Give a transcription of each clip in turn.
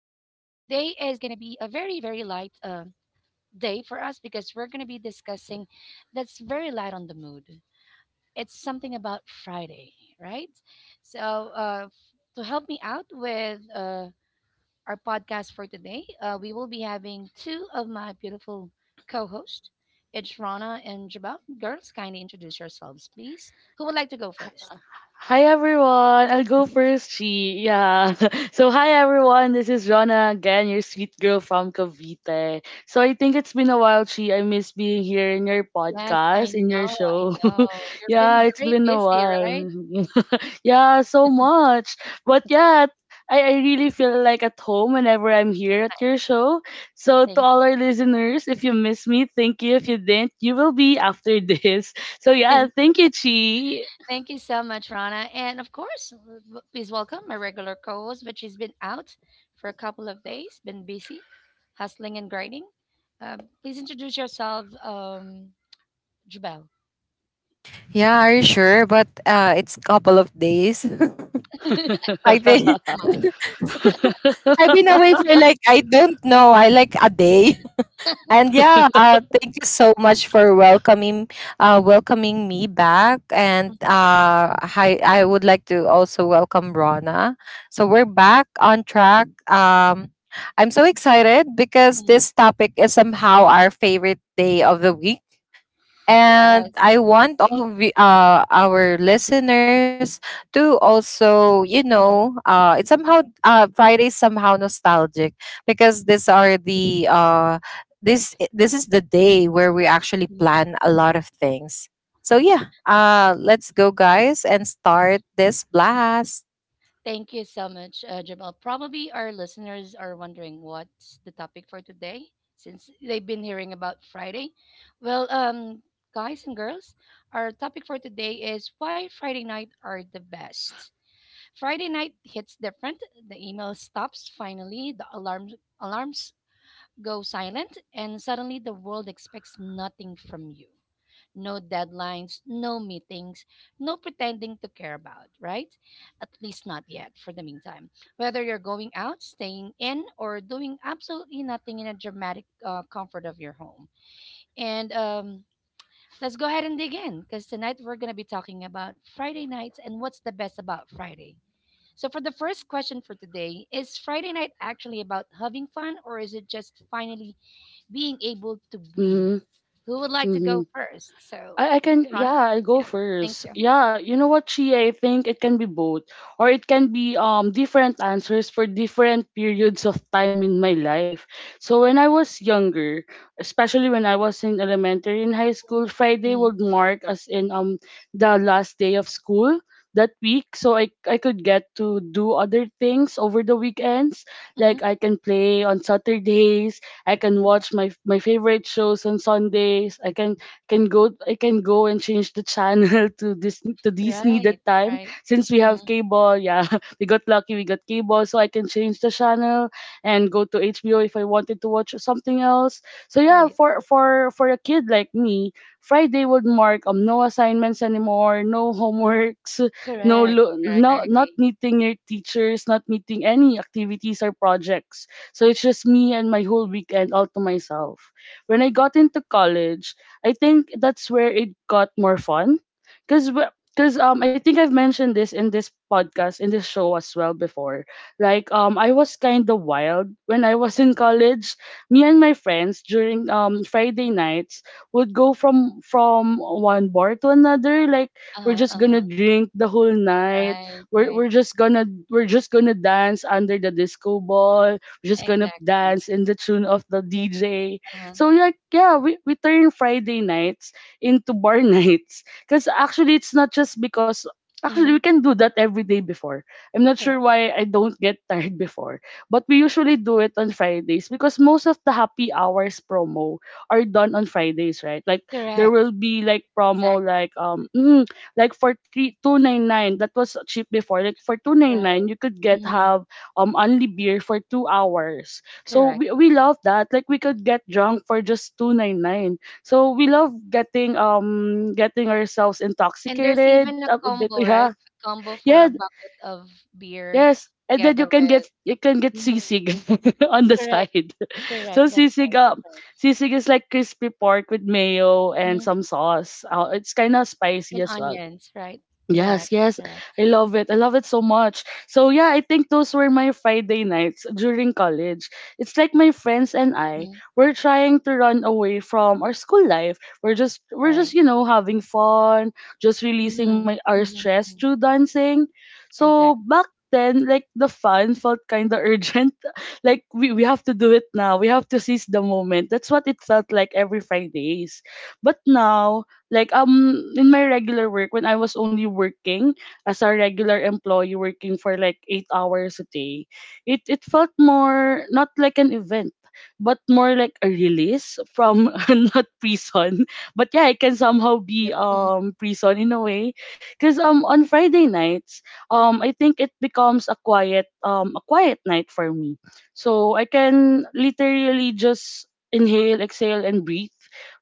going to be a very, very light day for us because we're going to be discussing that's very light on the mood. It's something about Friday, right? So, uh, f- to help me out with our podcast for today, we will be having two of my beautiful co hosts, it's Rana and Jabal. Girls, kindly introduce yourselves, please. Who would like to go first? Hi everyone, I'll go first. She, yeah. So hi everyone, this is Rona again, your sweet girl from Cavite. So I think it's been a while, Chi. I miss being here in your Yes, I podcast, in your know, I show. know. You've Yeah, been it's very been a busy, while. right? Yeah, so much. But yeah, I really feel like at home whenever I'm here at your show. So to Thank all you. our listeners, if you miss me, thank you. If you didn't, you will be after this. So yeah, Thank, thank you, Chi. thank you so much, Rana. And of course, please welcome my regular co-host, but she's been out for a couple of days, been busy, hustling and grinding. Please introduce yourself, Jubel. Yeah, are you sure? But it's couple of days. Am I think I? I've been away Not for sure. like I don't know, I like a day. And thank you so much for welcoming welcoming me back. And hi, I would like to also welcome Rona. So we're back on track. I'm so excited because Mhm. this topic is somehow our favorite day of the week, and Yes. I want all of our listeners to also, Mm-hmm. It's somehow Friday is somehow nostalgic because these are the this is the day where we actually plan a lot of things. So let's go, guys, and start this blast. Thank you so much, Jamal. Probably our listeners are wondering what's the topic for today since they've been hearing about Friday. Well, guys and girls, our topic for today is why Friday night are the best. Friday night hits different. The email stops finally. The alarms go silent, and suddenly the world expects nothing from you no deadlines, no meetings, no pretending to care about, right? At least not yet, for the meantime. Whether you're going out, staying in, or doing absolutely nothing in a dramatic comfort of your home. And let's go ahead and dig in because tonight we're going to be talking about Friday nights and what's the best about Friday. So, for the first question for today, is Friday night actually about having fun or is it just finally being able to breathe? Mhm. Who would like to go Mhm. first? So, I can, Rana? yeah, I'll go Yeah, thank first. you. Yeah, you know what, she, I think it can be both, or it can be different answers for different periods of time in my life. So when I was younger, especially when I was in elementary and high Mhm, school, Friday mhm, would mark as in the last day of school that week, so I could get to do other things over the weekends. Like mhm. I can play on Saturdays. I can watch my favorite shows on Sundays. I can go and change the channel to this to Disney Right, that time, right. since we have Mhm, cable. Yeah, we got lucky. We got cable, so I can change the channel and go to HBO if I wanted to watch something else. So yeah, right. for a kid like me, Friday would mark no assignments anymore, no homeworks, Correct, correct. I not agree. meeting your teachers, not meeting any activities or projects. So it's just me and my whole weekend all to myself. When I got into college, I think that's where it got more fun, cause cause I think I've mentioned this in this podcast, in this show as well before. Like I was kind of wild when I was in college. Me and my friends during Friday nights would go from one bar to another. Like we're Uh-huh, just uh-huh. gonna drink the whole night. Right, We're right. we're just gonna we're just gonna dance under the disco ball. We're just gonna Exactly. dance in the tune of the DJ. Uh-huh. So like yeah, we turn Friday nights into bar nights. Cause actually it's not just because, actually Hmm. we can do that every day before. I'm not Correct. sure why I don't get tired before. But we usually do it on Fridays because most of the happy hours promo are done on Fridays, right? Like there Correct. will be like promo Exactly. like like for 3299 that was cheap before. Like for two nine Right. nine you could get Hmm. have only beer for 2 hours. So Correct. we love that. Like we could get drunk for just 299. So we love getting ourselves And there's intoxicated even a a bit. combo, Yeah. right? A combo for Yeah, a bucket of beer yes. And then together you can with. get you can get Mhm. sisig on the Correct. side. Correct. So That's sisig right. That's uh, right. sisig is like crispy pork with mayo and Mhm. some sauce. It's kind of And spicy as well. onions, right? Correct. Yes, yes. Correct. I love it. I love it so much. So yeah, I think those were my Friday nights during college. It's like my friends and I Mm-hmm. were trying to run away from our school life. We're just we're just, Right. you know, having fun, just releasing my Mhm, our mhm, stress mhm. through dancing. So Exactly. back then, like the fun felt kind of urgent. Like we have to do it now. We have to seize the moment. That's what it felt like every Fridays. But now, like in my regular work, when I was only working as a regular employee working for like 8 hours a day, it felt more not like an event but more like a release from not prison, but yeah, it can somehow be Yep. Mhm. Prison in a way, cuz on Friday nights, I think it becomes a quiet night for me, so I can literally just inhale, exhale and breathe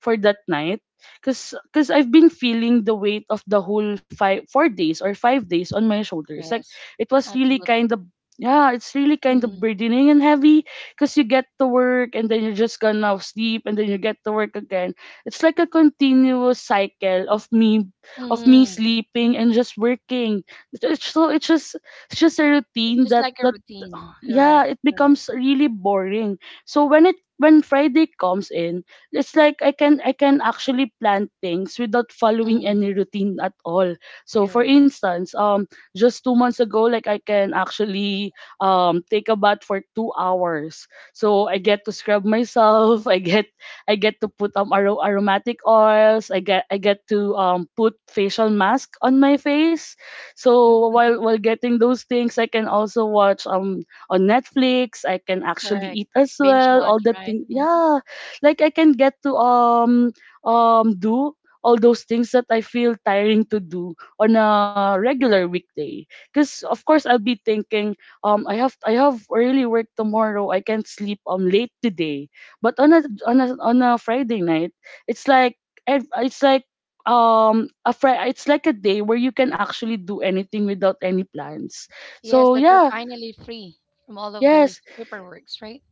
for that night. Cause I've been feeling the weight of the whole five, 4 days or 5 days on my shoulders. Like Yes. it was really Absolutely. kind of, yeah, it's really kind of Mhm, burdening and heavy. Cause you get to work and then you're just gonna sleep and then you get to work again. It's like a continuous cycle of me, mhm. sleeping and just working. So it's just a It's routine just that like a routine. yeah, Correct. it Correct. becomes really boring. So when Friday comes in, it's like I can actually plan things without following Mhm. any routine at all. So for Correct. instance, just 2 months ago, like I can actually take a bath for 2 hours, so I get to scrub myself, I get to put aromatic oils, I get to put facial mask on my face. So Mhm, while mhm. while getting those things, I can also watch on Netflix. I can actually eat Correct. as Binge well. All watch, the right? things, Mhm. yeah. Like I can get to do all those things that I feel tiring to do on a regular weekday. Because of course I'll be thinking, I have early work tomorrow. I can't sleep late today. But on a Friday night, it's like ev- it's like it's like a day where you can actually do anything without any plans, Yes, so that you're yeah. finally free from all of yes those paperworks, right?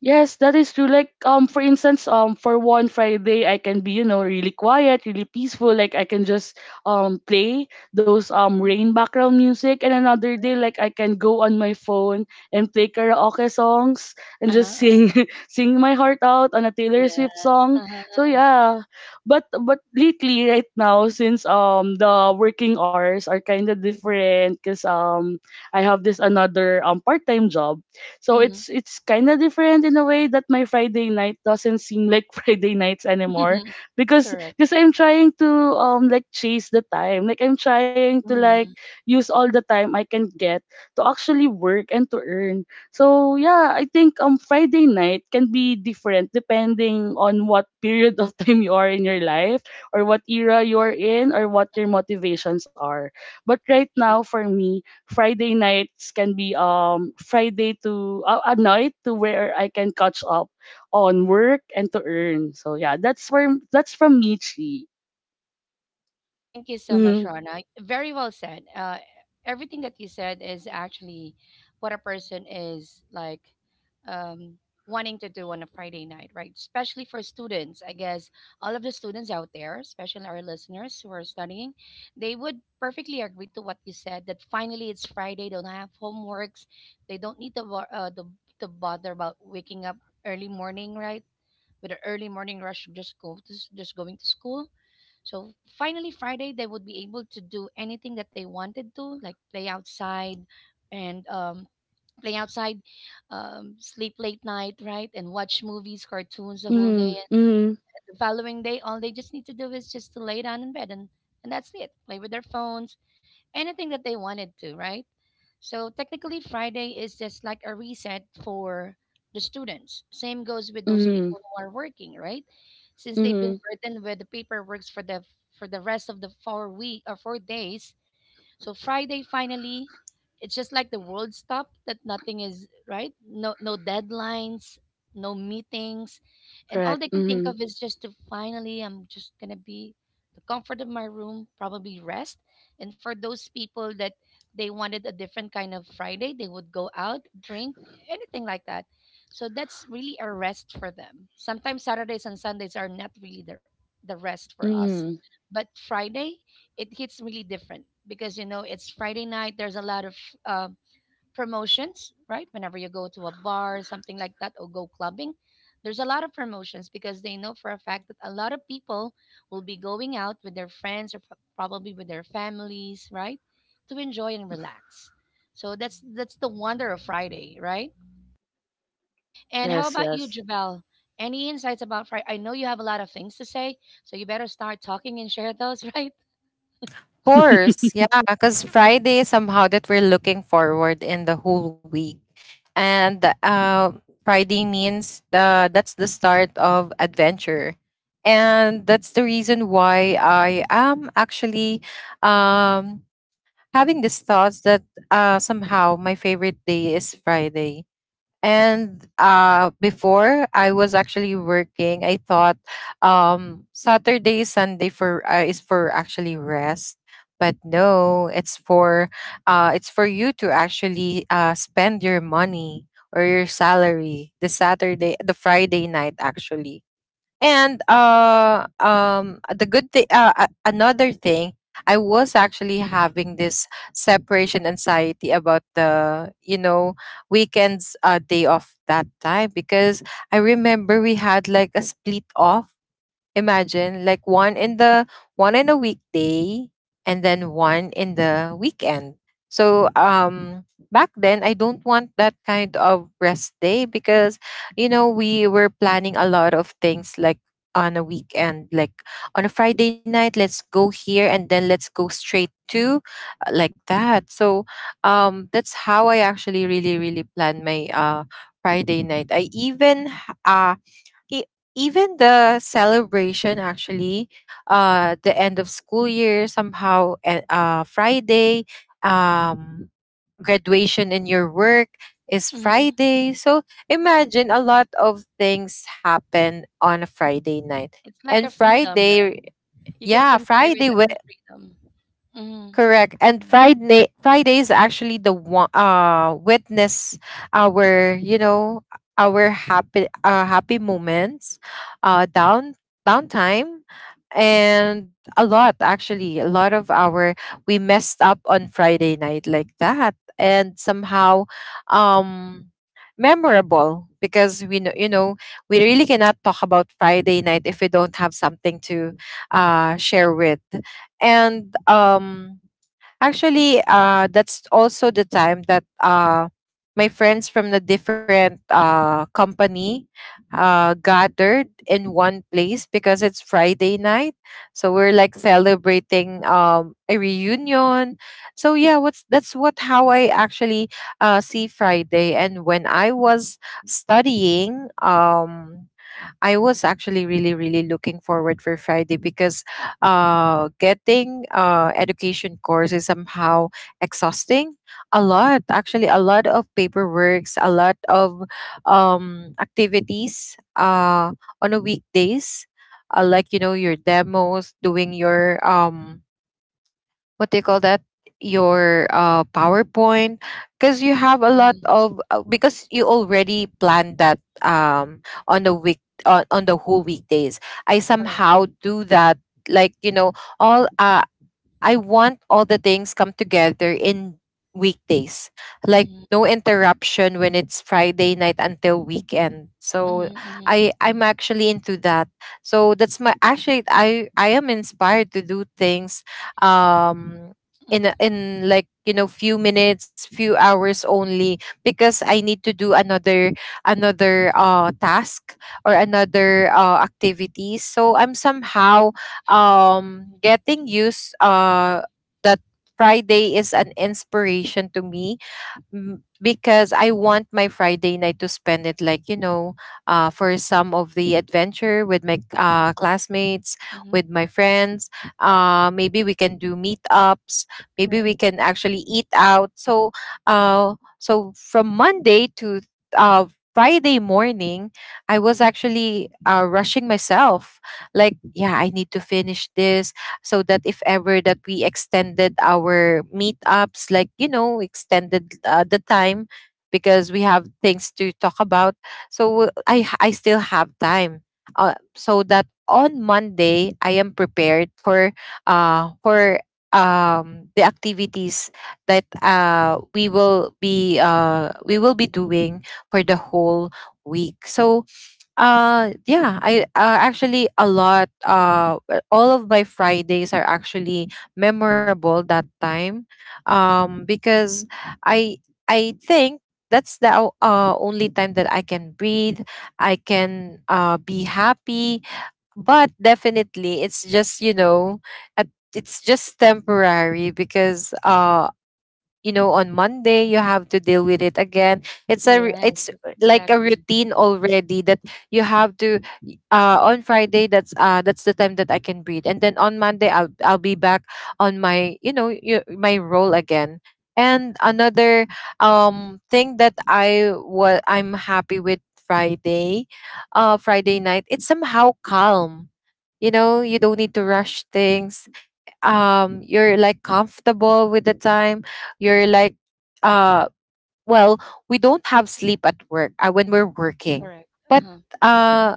Yes, that is true. Like, for instance, for one Friday, I can be, really quiet, really peaceful. Like, I can just play those rain background music, and another day, like, I can go on my phone and play karaoke songs and Uh-huh. just sing, sing my heart out on a Taylor Yes. Swift song. Uh-huh. So yeah, but lately, right now, since the working hours are kind of different, cause I have this another part time job, so Mhm. it's kind of different in a way that my Friday night doesn't seem like Friday nights anymore, because Correct. because I'm trying to like chase the time. Like I'm trying to like Mhm. use all the time I can get to actually work and to earn. So yeah, I think Friday night can be different depending on what period of time you are in your life or what era Mhm. you're in or what your motivations are. But right Sure. now for me, Friday nights can be Friday to a night to where I can catch up on work and to earn. So yeah, that's from Michi. Thank you so much, Mm-hmm. Rana. Very well said. Everything that you said is actually what a person is like um, wanting to do on a Friday night, right? Especially for students. I guess all of the students out there, especially our listeners who are studying, they would perfectly agree to what you said that finally it's Friday, don't have homeworks, they don't need to bother about waking up early morning, right? With the early morning rush, of just going to school so finally, Friday, they would be able to do anything that they wanted to, like play outside and play outside, sleep late night, right? And watch movies, cartoons the whole day. And Mm-hmm. the following day, all they just need to do is just to lay down in bed and that's it. Play with their phones, anything that they wanted to, right? So technically, Friday is just like a reset for the students. Same goes with those Mm-hmm. Mm-hmm. people who are working, right? Since they've Mm-hmm. been burdened with the paperwork for the rest of the 4 week or 4 days, so Friday finally, it's just like the world stopped that nothing is right. No deadlines, no meetings, and all Correct. they can think Mm-hmm. of is just to finally I'm just gonna be the comfort of my room, probably rest. And for those people that they wanted a different kind of Friday, they would go out, drink, anything like that. So that's really a rest for them. Sometimes Saturdays and Sundays are not really the rest for us. Mm-hmm. But Friday, it hits really different because you know it's Friday night. There's a lot of uh, promotions, right? Whenever you go to a bar, something like that, or go clubbing, there's a lot of promotions because they know for a fact that a lot of people will be going out with their friends or probably with their families, right, to enjoy and relax. So that's the wonder of Friday, right? And how Yes, about you, yes. Javel? Any insights about Friday? I know you have a lot of things to say, so you better start talking and share those, right? Course, yeah, because Friday somehow that we're looking forward in the whole week, and Friday means the that's the start of adventure, and that's the reason why I am actually um, having these thoughts that somehow my favorite day is Friday, and before I was actually working, I thought Saturday, Sunday for is for actually rest. But no, it's for you to actually spend your money or your salary the Saturday, the Friday night actually. And the good thing, another thing, I was actually having this separation anxiety about the, you know, weekends day off that time because I remember we had like a split off. Imagine like one in a weekday and then one in the weekend. So back then I don't want that kind of rest day because you know we were planning a lot of things like on a weekend, like on a Friday night let's go here and then let's go straight to like that. So that's how I actually really really plan my Friday night. I even e- even the celebration actually, the end of school year somehow, and Friday, um graduation in your work is Hmm. Friday, so imagine a lot of things happen on a Friday night. It's like and a freedom, right? friday You can yeah consider friday it as a freedom. Mm-hmm. Correct. And Right. Friday is actually the one witness our, you know, our happy moments, uh down downtime and a lot actually. A lot of our, we messed up on Friday night like that, and somehow um memorable because we know, you know, we really cannot talk about Friday night if we don't have something to share with. And actually, that's also the time that my friends from the different company gathered in one place because it's Friday night. So we're like celebrating a reunion. So yeah, what's that's what how I actually see Friday. And when I was studying, I was actually really, really looking forward for Friday because getting education course is somehow exhausting. A lot, actually, a lot of paperworks, a lot of activities on a weekdays, like you know your demos, doing your what do you call that, your powerpoint, because you have a lot Mm-hmm. of because you already planned that on the week on the whole weekdays I Correct. somehow do Mm-hmm. that, like you know, all I want all the things come together in weekdays. Like Mm-hmm. no interruption when it's Friday night until weekend. So Mm-hmm. Mm-hmm. I'm actually into that. So that's my actually, I am inspired to do things um in Mm-hmm. in like you know few minutes, few hours only because I need to do another task or another activity. So I'm somehow getting used that Friday is an inspiration to me, because I want my Friday night to spend it like, you know, for some of the adventure with my classmates, Mm-hmm, with my friends. Maybe we can do meetups. Maybe we right. can actually eat out. So, so from Monday to uh, Friday morning, I was actually rushing myself. Like, yeah, I need to finish this so that if ever that we extended our meetups, like you know, extended the time, because we have things to talk about, so I still have time, so that on Monday I am prepared for uh for the activities that we will be doing for the whole week. So yeah, I actually a lot all of my Fridays are actually memorable that time. Because I I think that's the only time that I can breathe, I can be happy, but definitely it's just, you know, at, it's just temporary because you know on Monday you have to deal with it again. it's a ru- Yes. it's like a Exactly. routine already, that you have to on Friday that's the time that I can breathe, and then on Monday I'll be back on my, you know, my role again. And another thing that I what I'm happy with Friday, Friday night, it's somehow calm. You know, you don't need to rush things. You're like comfortable with the time. You're like uh well we don't have sleep at work, when we're working, Correct. Uh but huh. Right. uh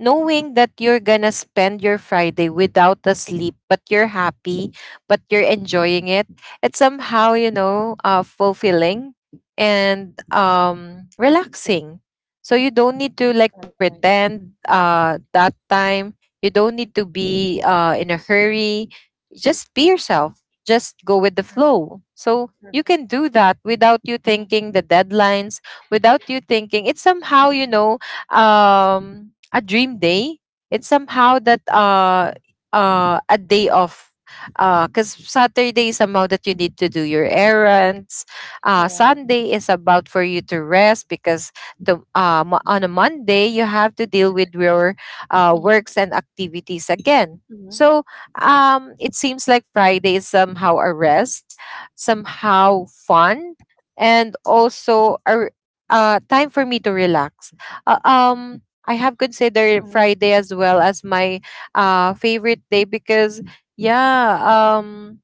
knowing that you're gonna spend your Friday without a sleep, but you're happy, but you're enjoying it, it's somehow you know fulfilling and relaxing. So you don't need to like Right, right. pretend that time. You don't need to be in a hurry. Just be yourself. Just go with the Correct. flow. So you Perfect. can do that without you Mhm. thinking the deadlines, without you thinking. It's somehow, you know, a dream day. It's somehow that a day off, because Saturday is somehow that you need to do your errands, Correct. Sunday is about for you to rest because the on a Monday you have to deal with your Mhm, works and activities again. mhm. So Right. It seems like Friday is somehow a rest, somehow fun, and also time for me to relax. I have considered Mhm, Friday as well as my favorite day because yeah,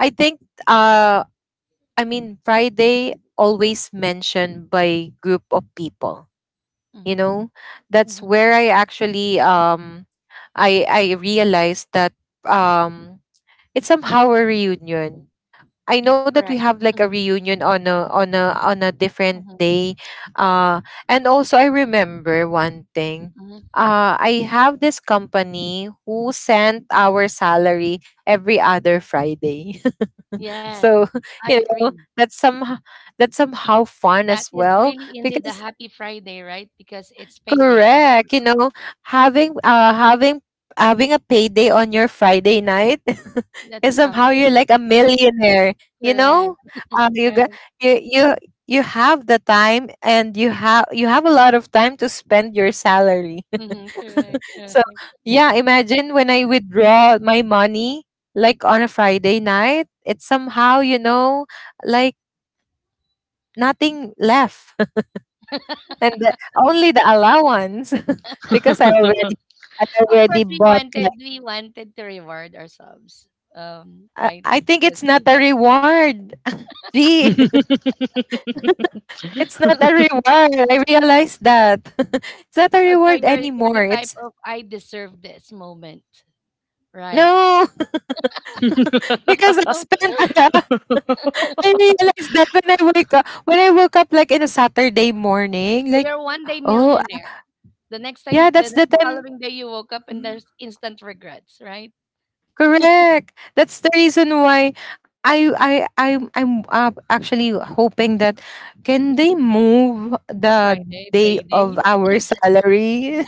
I think uh I mean Friday always mentioned by group of people. You mhm, know, that's mhm. where I actually I realized that um it's somehow a reunion. I know that we Correct. have like a Mhm, reunion on a on a on a different mhm, day. Uh, and also I remember one thing. mhm. Uh, I have this company who sent our salary every other Friday. Yes, So, I you know, agree. that's some that's somehow fun That as is well really indeed a because happy Friday, right? Because it's payday also. correct. You know, having uh having having a payday on your Friday night That's is somehow you're something. like a millionaire. You Correct. know, you Right. got you you you have the time, and you have a lot of time to spend your salary. Mm-hmm. Correct. So Correct. yeah, imagine when I withdraw my money like on a Friday night, it's somehow, you know, like nothing left, and the, only the allowance. Because I Of course, already we bought wanted like, we wanted to reward ourselves, right? I think Because it's we not a worked. reward. Gee, it's not a reward. I realized that. It's not a Oh, so reward you're the anymore. type It's of I deserve this moment, right? no. Because I No, spent still. a lot. I realized that when I woke up like in a Saturday morning, So like, you're one day oh millionaire. The next time, yeah, the, that's the the time. following day, you woke up and Mm, there's instant regrets, right? correct. That's the reason why I I I'm actually hoping that can they move the Friday, day payday, of our salary,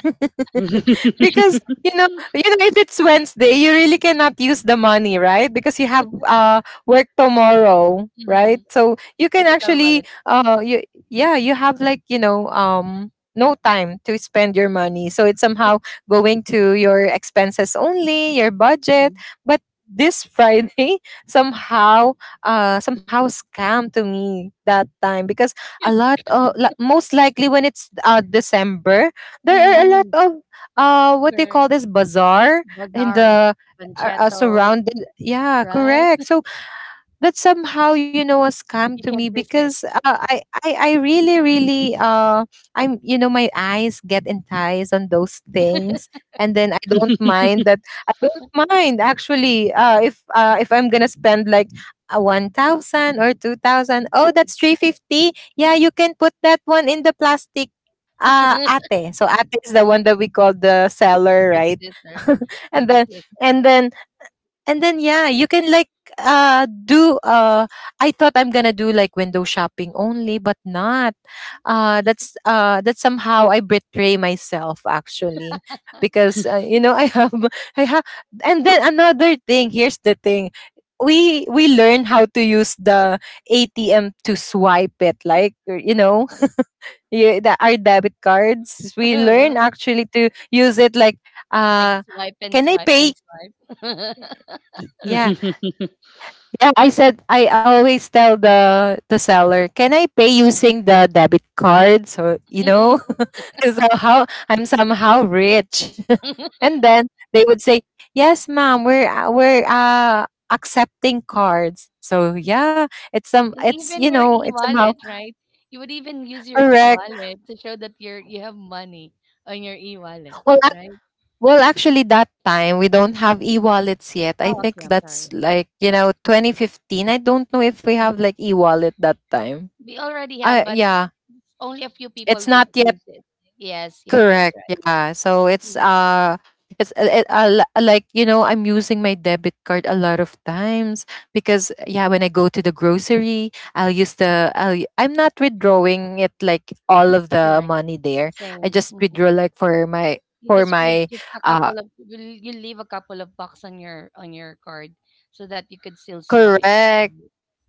because you know, if it's Wednesday you really cannot use the money right, because you have work tomorrow, hmm right? So you can critical actually wallet. You yeah, you have like you know no time to spend your money, so it's somehow going to your expenses only, your budget. But this Friday somehow somehow scam to me that time, because a lot of most likely when it's December there are a Mm-hmm. lot of what do you Correct. call this, bazaar in Bazaar, the are panchetto, surrounded, yeah, right? correct. So that's somehow you know a scam You to me can't because resist. I really really I'm you know my eyes get enticed on those things, and then I don't mind actually if I'm gonna spend like a 1000 or 2000. Oh, that's 350, yeah, you can put that one in the plastic, uh ate. So ate is the one that we call the seller, Big right? sister, the and then big sister. and then and then yeah, you can like do I thought I'm gonna do like window shopping only, but not. Uh, that's that somehow I betray myself actually, because you know I have, I have, and then another thing, here's the thing. We learn how to use the ATM to swipe it like you know our debit cards we learn actually to use it like Like uh swipe and can I swipe pay and swipe, yeah. right? Yeah, I said I always tell the seller, "Can I pay using the debit card?" So you know, so how I'm somehow rich. And then they would say, "Yes, ma'am, we're accepting cards." So yeah, it's some And it's you even your know it's somehow e-wallet, right? You would even use your correct. e-wallet to show that you have money on your e-wallet, Well, ac- right? well, actually, that time we don't have e-wallets yet. I Oh, think okay. I'm that's sorry. like you know 2015. I don't know if we Uh, have like e-wallet that time. We already have, but Yeah, only a few it's people would not yet. use it. Yes, yes, that's Correct. right. Yeah. So Hmm. It's like you know I'm using my debit card a lot of times because yeah when I go to the grocery I'll use the I'll, I'm not withdrawing it like all of the Correct. money there. I Same. just Mhm. withdraw like for my You for just would my just a uh couple of you leave a couple of bucks on your card so that you could still swipe. correct.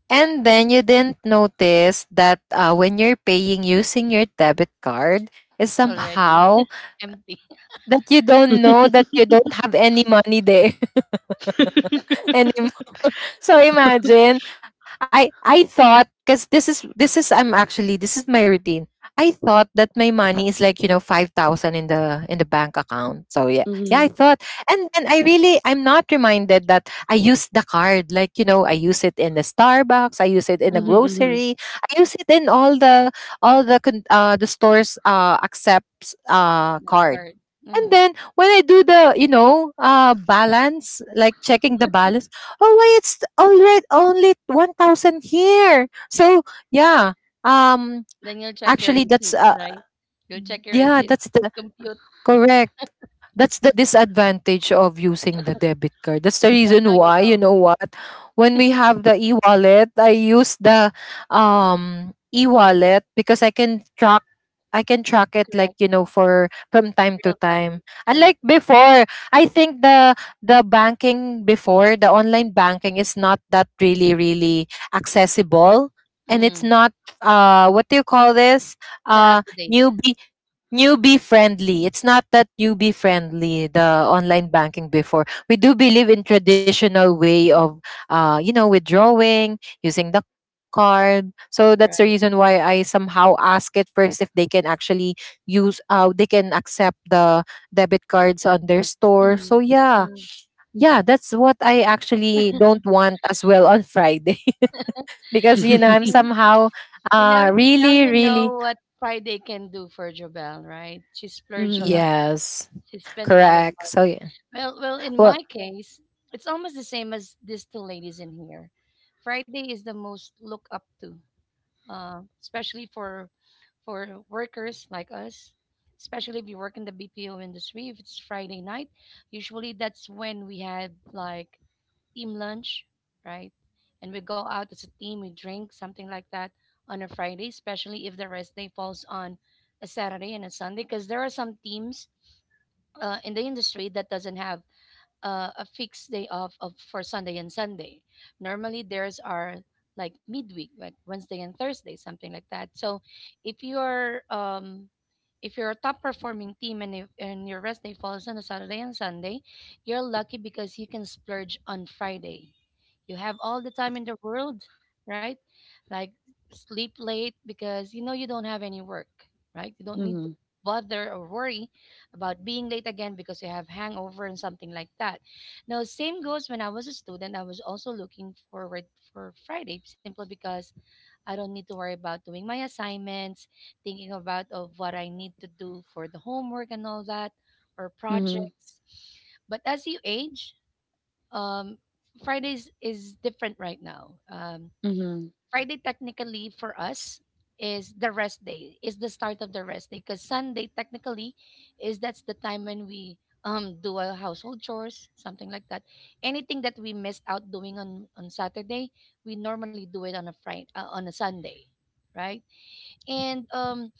And then you didn't notice that when you're paying using your debit card is It's already somehow empty. that you don't know that you don't have any money there anymore. So imagine, I thought because this is I'm actually this is my routine. I thought that my money is like you know 5,000 in the bank account. So yeah, yeah, I Mhm. thought, and then I really I'm not reminded that I used the card. Like you know, I use it in the Starbucks, I use it in the Mhm, Mhm. mhm. grocery, I use it in all the the stores accepts The card. card. And Mhm. then when I do the, you know, balance, like checking the balance, oh why it's already only 1000 here. So yeah, um Then you'll check your actually that's receipts, uh right? You'll check your yeah receipts that's and the compute. correct. That's the disadvantage of using the debit card. That's the So reason now you why, you know. know what, when we have the e-wallet, I use the e-wallet because I can track it like, Correct. you know, for from time to Real time. time. Unlike Correct. before, I think the banking before, the online banking is not that really, really accessible. And it's Mm-hmm. not what do you call this? Set Uh up to date. newbie newbie friendly. It's not that newbie friendly, the online banking before. We do believe in traditional way of you know, withdrawing, using the card. So that's the reason why Right. I somehow ask it first if they can actually use they can accept the debit cards on their store. Mm-hmm. So yeah. Mm-hmm. Yeah, that's what I actually don't want as well on Friday. Because you know, You I'm see, somehow you know, now really, you really know what Friday can do for Jobel, right? She splurged a Mhm, lot. yes. She spent a lot of Correct. money. So yeah. Well, in my Well, case, it's almost the same as these two ladies in here. Friday is the most look up to especially for workers like us, especially if you work in the BPO industry. If it's Friday night, usually that's when we had like team lunch, right? And we go out as a team, we drink something like that on a Friday, especially if the rest day falls on a Saturday and a Sunday, because there are some teams in the industry that doesn't have a fixed day off of for Sunday and Sunday. Normally theirs are like midweek, like Wednesday and Thursday, something like that. So if you're um if you're a top performing team and, if, and your rest day falls on a Saturday and Sunday, you're lucky because you can splurge on Friday. You have all the time in the world, right? Like sleep late because you know you don't have any work, right? You don't need to mhm, bother or worry about being late again because you have hangover and something like that. Now, same goes when I was a student. I was also looking forward for Friday simply because I don't need to worry about doing my assignments, thinking about of what I need to do for the homework and all that or mhm, projects. But as you age, um, Fridays is different right now. Mhm, Friday technically for us is the rest day, is the start of the rest day because Sunday technically is that's the time when we do our household chores, something like that. Anything that we missed out doing on Saturday, we normally do it on a Friday, on a Sunday, right? And um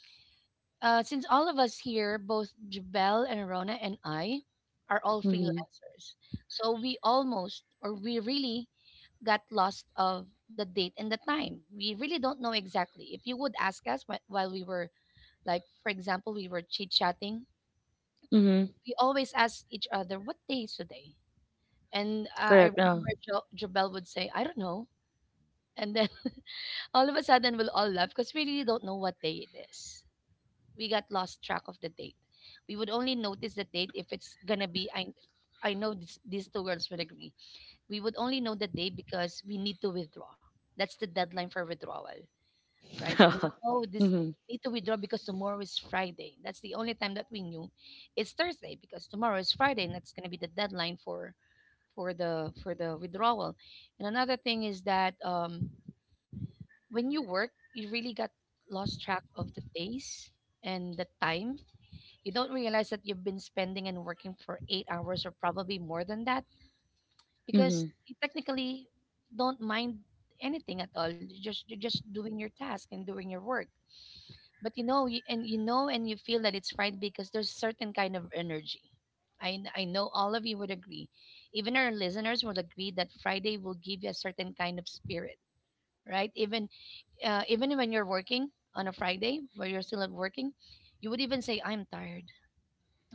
uh, since all of us here, both Jabel and Rona and I, are all mhm, freelancers, so we almost or we really got lost of the date and the time. We really don't know exactly. If you would ask us while we were like, for example, we were chit chatting, mhm. we always ask each other, "What day is today?" And I Correct, yeah. remember Jabel would say, "I don't know," and then all of a sudden we'll all laugh because we really don't know what day it is. We got lost track of the date. We would only notice the date if it's gonna be I know this, these two girls would agree. We would only know the date because we need to withdraw. That's the deadline for withdrawal, right? So we know, oh this Mhm, we need to withdraw because tomorrow is Friday. That's the only time that we knew it's Thursday because tomorrow is Friday and that's gonna be the deadline for for the withdrawal. And another thing is that when you work, you really got lost track of the days and the time. You don't realize that you've been spending and working for 8 hours or probably more than that because mhm, you technically don't mind anything at all. You're just doing your task and doing your work. But you, and you feel that it's right because there's a certain kind of energy. I, I know all of you would agree. Even our listeners would agree that Friday will give you a certain kind of spirit, right? Even when you're working on a Friday, where you're still at working, you would even say, "I'm tired,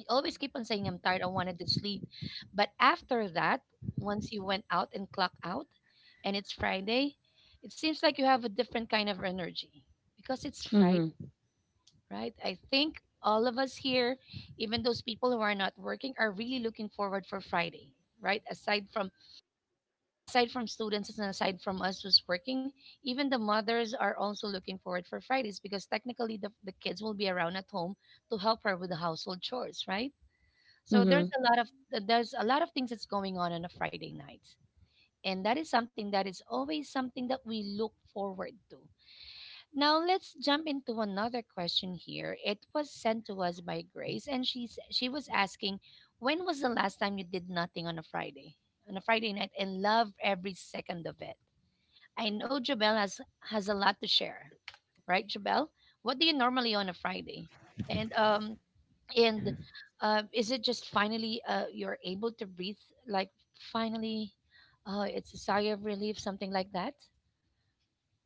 always keep on saying I'm tired, I wanted to sleep. But after that, once you went out and clock out and it's Friday, it seems like you have a different kind of energy because it's Friday, mhm, right?" I think all of us here, even those people who are not working, are really looking forward for Friday, right? Aside from students and aside from us who's working, even the mothers are also looking forward for Fridays because technically the kids will be around at home to help her with the household chores, right? So there's mhm, a lot of there's a lot of things that's going on a Friday night, and that is something that is always something that we look forward to. Now let's jump into another question here. It was sent to us by Grace, and she was asking, when was the last time you did nothing on a Friday, on a Friday night, and love every second of it? I know Jabel has a lot to share, right, Jabel? What do you normally on a Friday? And um, and is it just finally you're able to breathe like finally it's a sigh of relief something like that.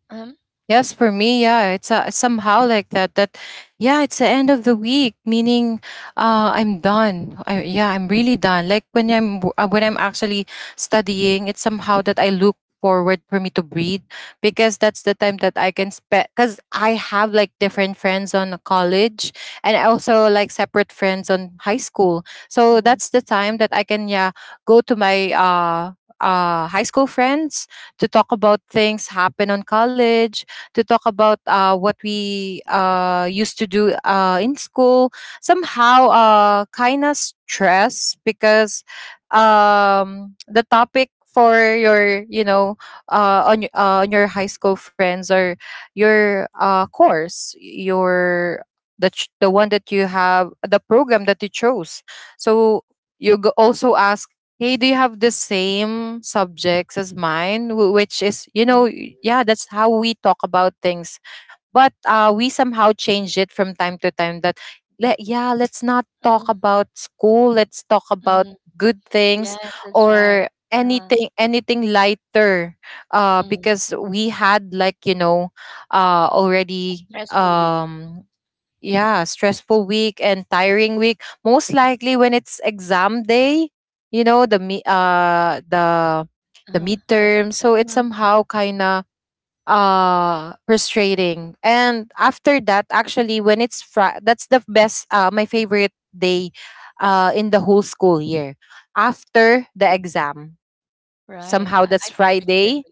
um yes, for me, yeah, it's somehow like that. That, yeah, it's the end of the week, meaning, I'm done. Yeah, I'm really done. Like when when I'm actually studying, it's somehow that I look forward for me to breathe because that's the time that I can spend. Because I have like different friends on college, and I also like separate friends on high school. So mm-hmm. that's the time that I can yeah go to my high school friends to talk about things happen on college, to talk about what we used to do in school. Somehow, kind of stress because the topic for your, you know, on your high school friends or your course, your the the one that you have, the program that you chose. So also ask, hey, do you have the same subjects as mine? Which is, you know, Mm-hmm. Yeah, that's how we talk about things. But we somehow change it from time to time that, yeah, let's not Mm-hmm. talk about school. Let's talk about Mm-hmm. good things Yes, that's right. or uh, anything, anything lighter. Mm, Because we had like, you know, a already. stressful week. Yeah, Right. stressful week and tiring week. Most likely when it's exam day, you know, the Uh-huh. Right. midterm. So it's Mhm. somehow kinda frustrating. And after that, actually when that's the best my favorite day in the whole school year. After the exam. Right, Somehow I, that's I perfectly Friday. agree.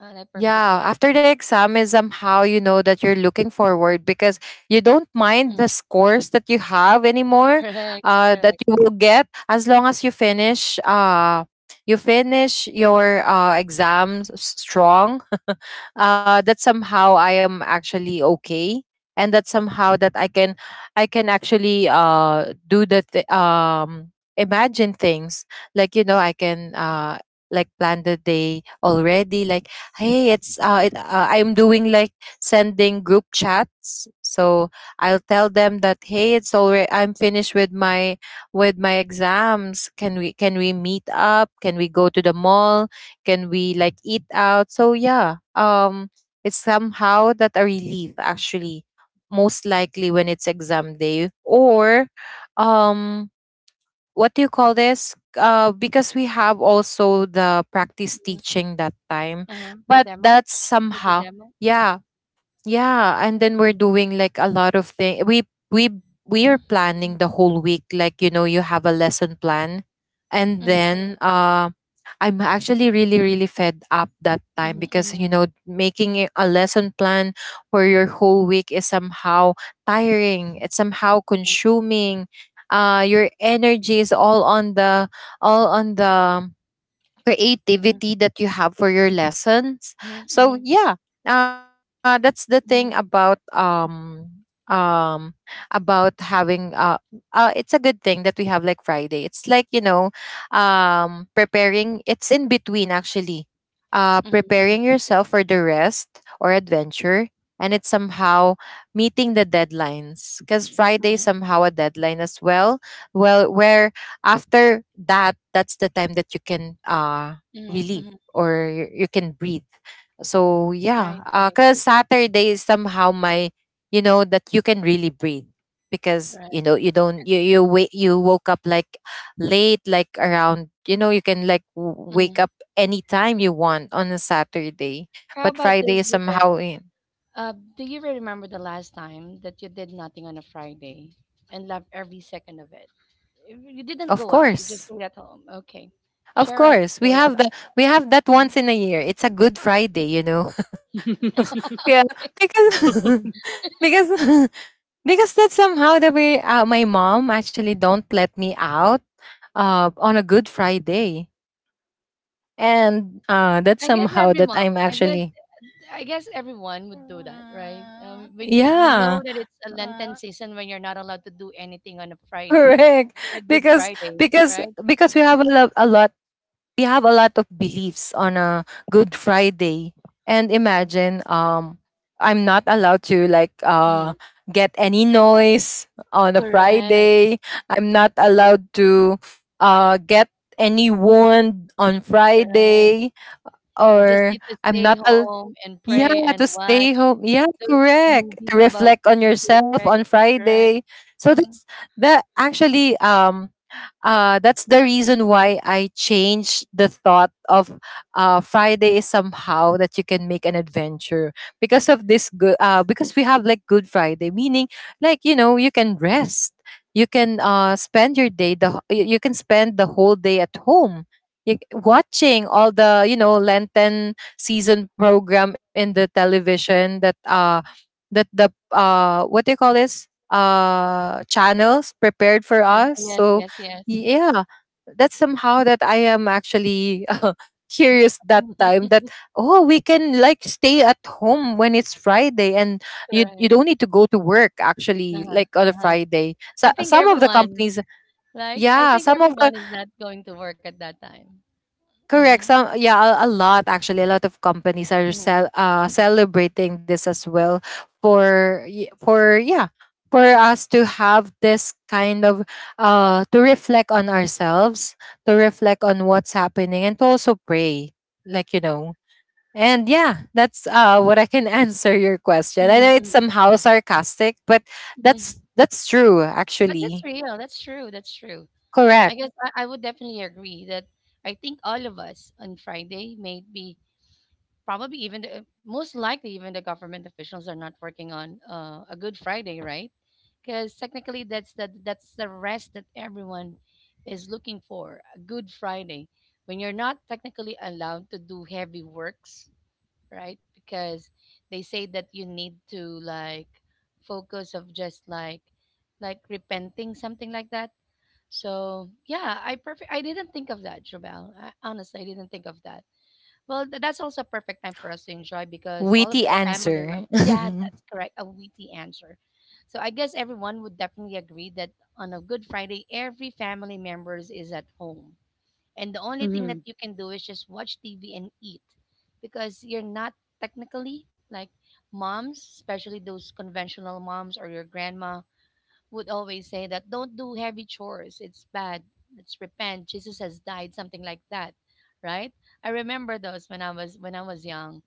I perfectly Yeah, agree. after the exam is somehow you know that you're looking forward because you don't mind Mhm. the scores that you have anymore, Correct, that correct. you will get as long as you finish your strong. That somehow I am actually okay, and that somehow that I can actually imagine things like you know I can like plan the day already. Like hey I'm doing like sending group chats. So I'll tell them that hey it's already I'm finished with my exams. Can we meet up, can we go to the mall, can we like eat out? So yeah, it's somehow that a relief actually, most likely when it's exam day or um what do you call this? Because we have also the practice Mhm. teaching that time, Uh-huh. The but demo. that's Is it the somehow, demo? yeah, yeah, and then Mhm, we're doing like a lot of things. We we are mhm, planning the whole week. Like you know, you have a lesson plan, and mhm, then I'm actually really really fed up that mhm, time because mhm, you know making it a lesson plan for your whole week is somehow tiring. It's somehow mhm, consuming. Your energy is all on the all on the mhm, creativity that you have for your lessons. mhm, mhm, So mhm, yeah, that's the thing mhm, um about having it's a good thing that we have like Friday. It's like you know preparing. It's in between actually, mhm, mhm. preparing yourself for the rest or adventure. And it's somehow meeting the deadlines because Friday is Mhm, somehow a deadline as well. Well, where after that that's the time that you can mhm, relieve mhm. or you can breathe, so yeah, Right, right, because Saturday is somehow my you know that you can really breathe because right. you know you don't you you wait you woke up like late, like around you know you can like wake Mhm. up anytime you want on a Saturday. How But about Friday is this, somehow Jabel? in, Do you remember the last time that you did nothing on a Friday and loved every second of it? You didn't of go out; you just course, stayed at home. Okay, of share us a course we story have the about we have that it. Mhm. once in a year it's a Good Friday you know. Yeah, because because because that's somehow the way my mom actually don't let me out on a Good Friday, and that's I guess somehow every that mom, I'm I guess, actually I guess, everyone would do that, right? We You know yeah. that it's a Lenten Uh, season when you're not allowed to do anything on a Friday correct. or a Good Because Friday, because right? because we have a lot we have a lot of beliefs on a Good Friday. And imagine I'm not allowed to like Mhm. get any noise on a Correct, Friday. I'm not allowed to get any wound on correct. Friday, You just or need to I'm stay not al- home and yeah, pray and to stay watch home. Yeah, those correct. movies To about reflect on Jesus, yourself right? on Correct. Friday. So Mm. that's that actually that's the reason why I changed the thought of Friday is somehow that you can make an adventure because of this good because we have like Good Friday, meaning like you know you can rest, you can spend your day the wh- you can spend the whole day at home. Watching all the you know Lenten season program in the television that the what do you call this channels prepared for Channel. us. Yes, So yes, yes. yeah, that's somehow that I am actually curious that time that oh we can like stay at home when it's Friday. And you Correct. don't need to go to work actually Uh-huh, like on a uh-huh. Friday. So I think some of the everyone, companies, like, I yeah, think some of the everyone is not going to work at that time. Mm-hmm. correct. Some yeah, a lot actually. A lot of companies are Mm-hmm. Celebrating this as well for for yeah for us to have this kind of to reflect on ourselves, to reflect on what's happening, and to also pray, like you know. And yeah, that's what I can answer your question. I know it's Mm-hmm. somehow sarcastic, but Mm-hmm. That's true But that's actually. real. That's true. That's true. I Correct. guess I would definitely agree that I think all of us on Friday may be probably even most likely even the government officials are not working on a Good Friday, right? Because technically that's the rest that everyone is looking for, a Good Friday, when you're not technically allowed to do heavy works, right? Because they say that you need to like focus of just like repenting something like that. So yeah, I didn't think of that, jobel. Honestly, I didn't think of that. Well, that's also a perfect time for us to enjoy because all of Witty the family members. answer. Yeah, that's correct. A witty answer. So I guess everyone would definitely agree that on a Good Friday, every family members is at home, and the only thing that you mhm. can do is just watch TV and eat, because you're not technically like moms, especially those conventional moms or your grandma would always say that don't do heavy chores. It's bad. Let's repent. Jesus has died, something like that, right? I remember those when I was young.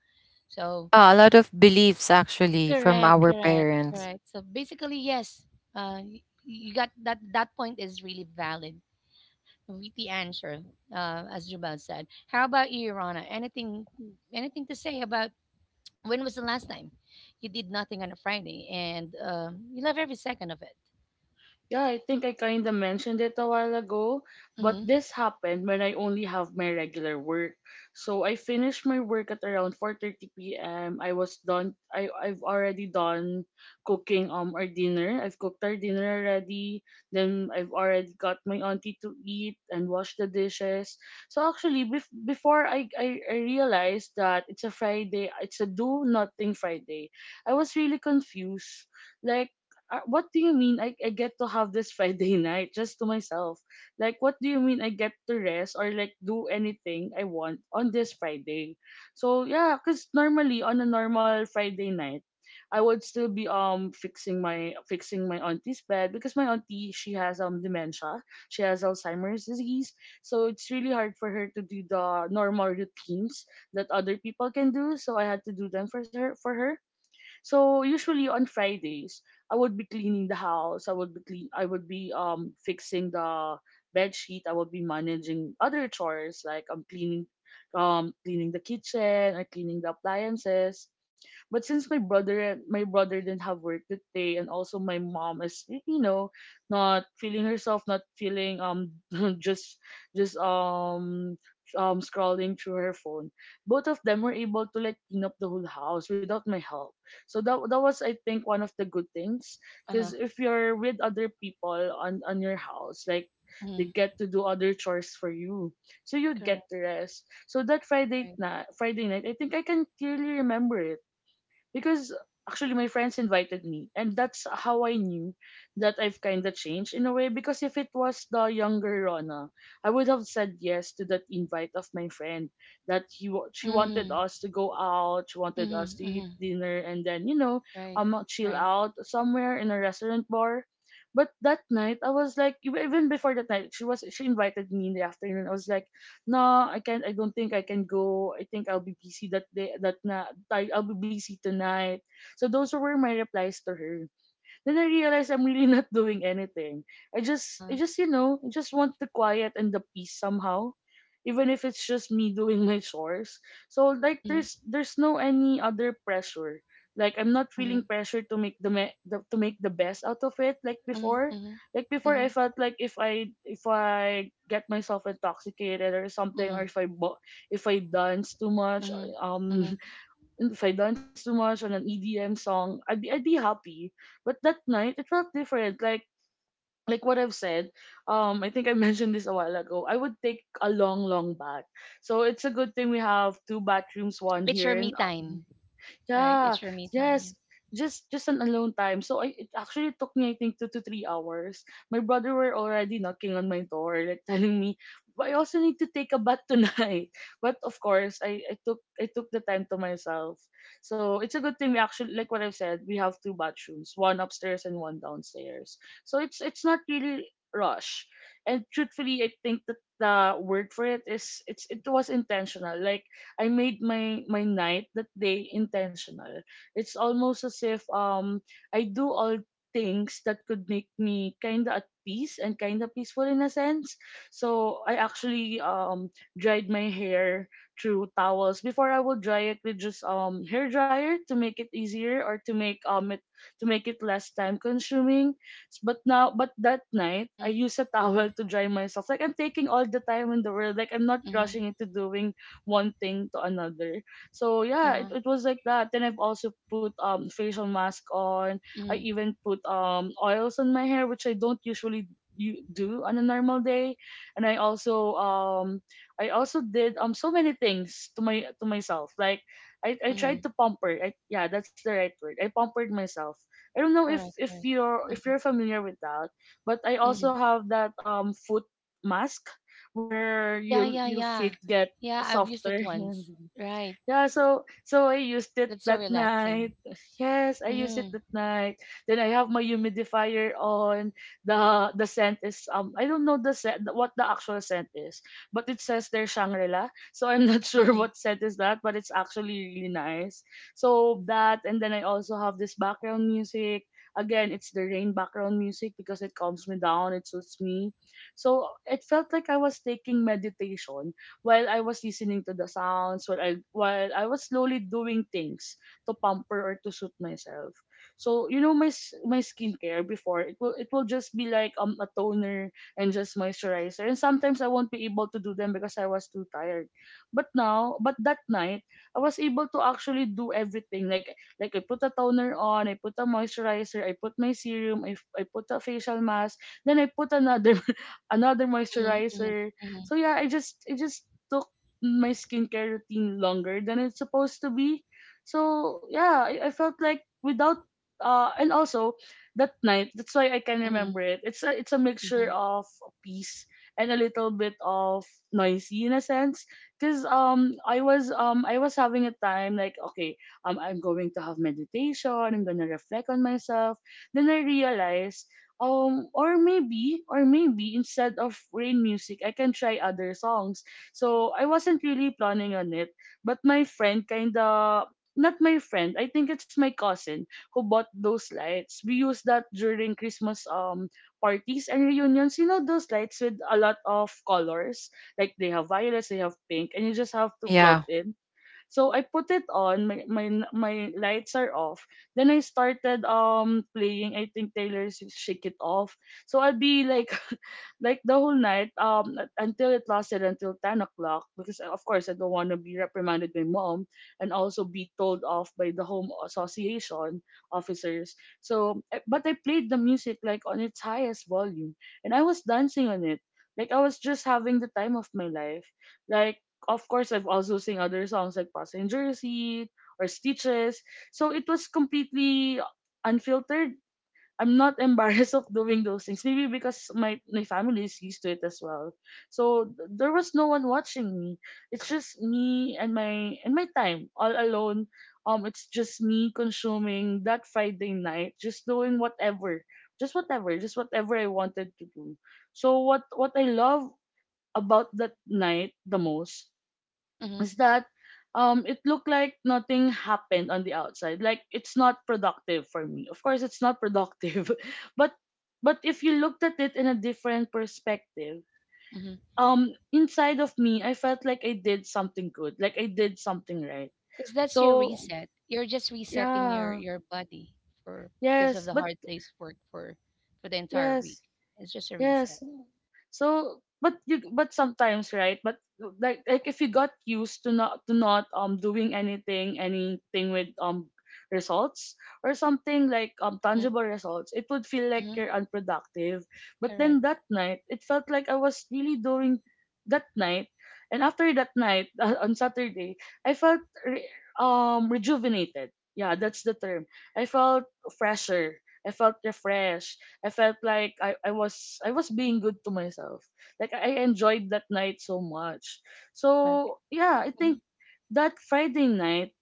So, Yeah, a lot of beliefs actually from correct, our correct, parents. correct. So basically, yes, you got that. That point is really valid with the answer, as Jubal said. How about you, Rana? Anything to say about, when was the last time you did nothing on a Friday and you love every second of it? Yeah, I think I kind of mentioned it a while ago, but Mm-hmm. this happened when I only have my regular work. So I finished my work at around 4:30 p.m. I was done. I've already done cooking our dinner. I've cooked our dinner already. Then I've already got my auntie to eat and wash the dishes. So actually before I realized that it's a Friday, it's a do nothing Friday. I was really confused, like, what do you mean I get to have this Friday night just to myself? Like, what do you mean I get to rest or like do anything I want on this Friday? So, yeah, because normally on a normal Friday night, I would still be fixing my auntie's bed, because my auntie, she has dementia, she has Alzheimer's disease, so it's really hard for her to do the normal routines that other people can do, so I had to do them for her. So usually on Fridays, I would be cleaning the house. I would be clean. I would be fixing the bed sheet. I would be managing other chores like I'm cleaning, cleaning the kitchen or cleaning the appliances. But since my brother didn't have work that day, and also my mom is not feeling herself, not feeling just just scrolling through her phone. Both of them were able to like clean up the whole house without my help. So that was, I think, one of the good things, Uh huh. because if you're with other people on your house, like Mm-hmm. they get to do other chores for you, so you Correct. get to rest. So that Right. Friday night, I think I can clearly remember it because actually my friends invited me, and that's how I knew that I've kind of changed in a way, because if it was the younger Rona, I would have said yes to that invite of my friend that she Mhm. wanted us to go out. She wanted Mhm. us to Mhm. eat dinner, and then, Right. Right. chill out somewhere in a restaurant bar. But that night I was like, even before that night, she invited me in the afternoon, I was like, no, I can't, I don't think I can go. I think I'll be busy that day, that na, I'll be busy tonight. So those were my replies to her. Then I realized I'm really not doing anything. Uh-huh. I just, you know, I just want the quiet and the peace somehow, even if it's just me doing my chores. So like, Mhm. There's no any other pressure. Like I'm not Mhm. feeling pressure to make the to make the best out of it like Mhm. before. Mhm. Like Mhm. before, I felt like if I get myself intoxicated or something, Mhm. or if I dance too much, Mhm. um, Mhm. if I dance too much on an EDM song, I'd be happy. But that night it felt different. Like what I've said, I think I mentioned this a while ago. I would take a long, long bath. So it's a good thing we have two bathrooms, one It's your here me and up. time, right? It's Yeah, your me time. yes. Just an alone time. So I it actually took me I think 2 to 3 hours. My brother were already knocking on my door, like telling me, but I also need to take a bath tonight. But of course, I took the time to myself. So it's a good thing we actually like what I've said, we have two bathrooms, one upstairs and one downstairs. So it's not really rush. And truthfully I think that the word for it is it was intentional. Like I made my night that day intentional. It's almost as if I do all things that could make me kind of at peace and kind of peaceful in a sense. So I actually dried my hair through towels before I would dry it with just hair dryer to make it easier or to make it to make it less time consuming. But now, but that night, I Mhm. use a Uh-huh. towel to dry myself. Like I'm taking all the time in the world. Like I'm not Mhm. rushing into doing one thing to another. So Uh-huh. yeah, it was like that. Then I've also put facial mask on. Mhm. I even put oils on my hair, which I don't usually you do on a normal day. And I also did so many things to my to myself. Like I Mhm. tried to pamper, I, yeah, that's the right word, I pampered myself. I don't know Correct. Correct. If you're familiar with that, but I Mhm. also have that foot mask where Yeah, you yeah, your yeah. feet get Yeah, I've used it softer. once. Right. Yeah, so so I used it That's so that relaxing. night. Yes, I used it Mm-hmm. that night. Then I have my humidifier on. The scent is I don't know the scent what the actual scent is, but it says there Shangri-La. So I'm not sure Mm-hmm. what scent is that, but it's actually really nice. So that, and then I also have this background music. Again, it's the rain background music because it calms me down, it suits me. So it felt like I was taking meditation while I was listening to the sounds, while I was slowly doing things to pamper or to suit myself. So you know my skincare before, it will just be like a toner and just moisturizer, and sometimes I won't be able to do them because I was too tired. But now, but that night, I was able to actually do everything. Like I put a toner on, I put a moisturizer, I put my serum, I put a facial mask, then I put another another Mm-hmm. moisturizer. Mm-hmm. So yeah, I just took my skincare routine longer than it's supposed to be. So yeah, I felt like without and also that night, that's why I Mm-hmm. can Mm-hmm. remember it. It's a Mm-hmm, mixture of peace and a little bit of noisy in a sense. Cause I was having a time like, okay, I'm going to have meditation, I'm gonna reflect on myself. Then I realized, or maybe instead of rain music I can try other songs. So I wasn't really planning on it. But my friend kinda, not my friend, I think it's my cousin who bought those lights. We use that during Christmas parties and reunions. You know those lights with a lot of colors? Like they have violets, they have pink, and you just have to Yeah. plug in. So I put it on, my lights are off. Then I started playing I think Taylor's Shake It Off. So I'd be like like the whole night until it lasted until 10 o'clock, because of course I don't want to be reprimanded by mom and also be told off by the home association officers. So but I played the music like on its highest volume, and I was dancing on it, like I was just having the time of my life. Like, of course I've also sing other songs like Passenger Seat or Stitches. So it was completely unfiltered. I'm not embarrassed of doing those things. Maybe because my family is used to it as well. So there was no one watching me. It's just me and my time all alone. It's just me consuming that Friday night, just doing whatever, just whatever I wanted to do. So what I love about that night the most mm-hmm, is that it looked like nothing happened on the outside, like it's not productive for me, of course it's not productive, but but if you looked at it in a different perspective, mm-hmm. Inside of me I felt like I did something good, like I did something right. Because that's your So reset. You're just resetting your yeah, your body for, because of yes, the but hard day's work for the entire week. yes. It's just a Yes. reset. So, but but sometimes, right? But like if you got used to not doing anything, anything with results or something like tangible results, it would feel like Mm-hmm. you're unproductive. But then Correct. that night, it felt like I was really doing that night, and after that night on Saturday, I felt rejuvenated. Yeah, that's the term. I felt fresher. I felt refreshed. I felt like I was being good to myself. Like I enjoyed that night so much. Correct. So yeah, I think Mm-hmm. that Friday night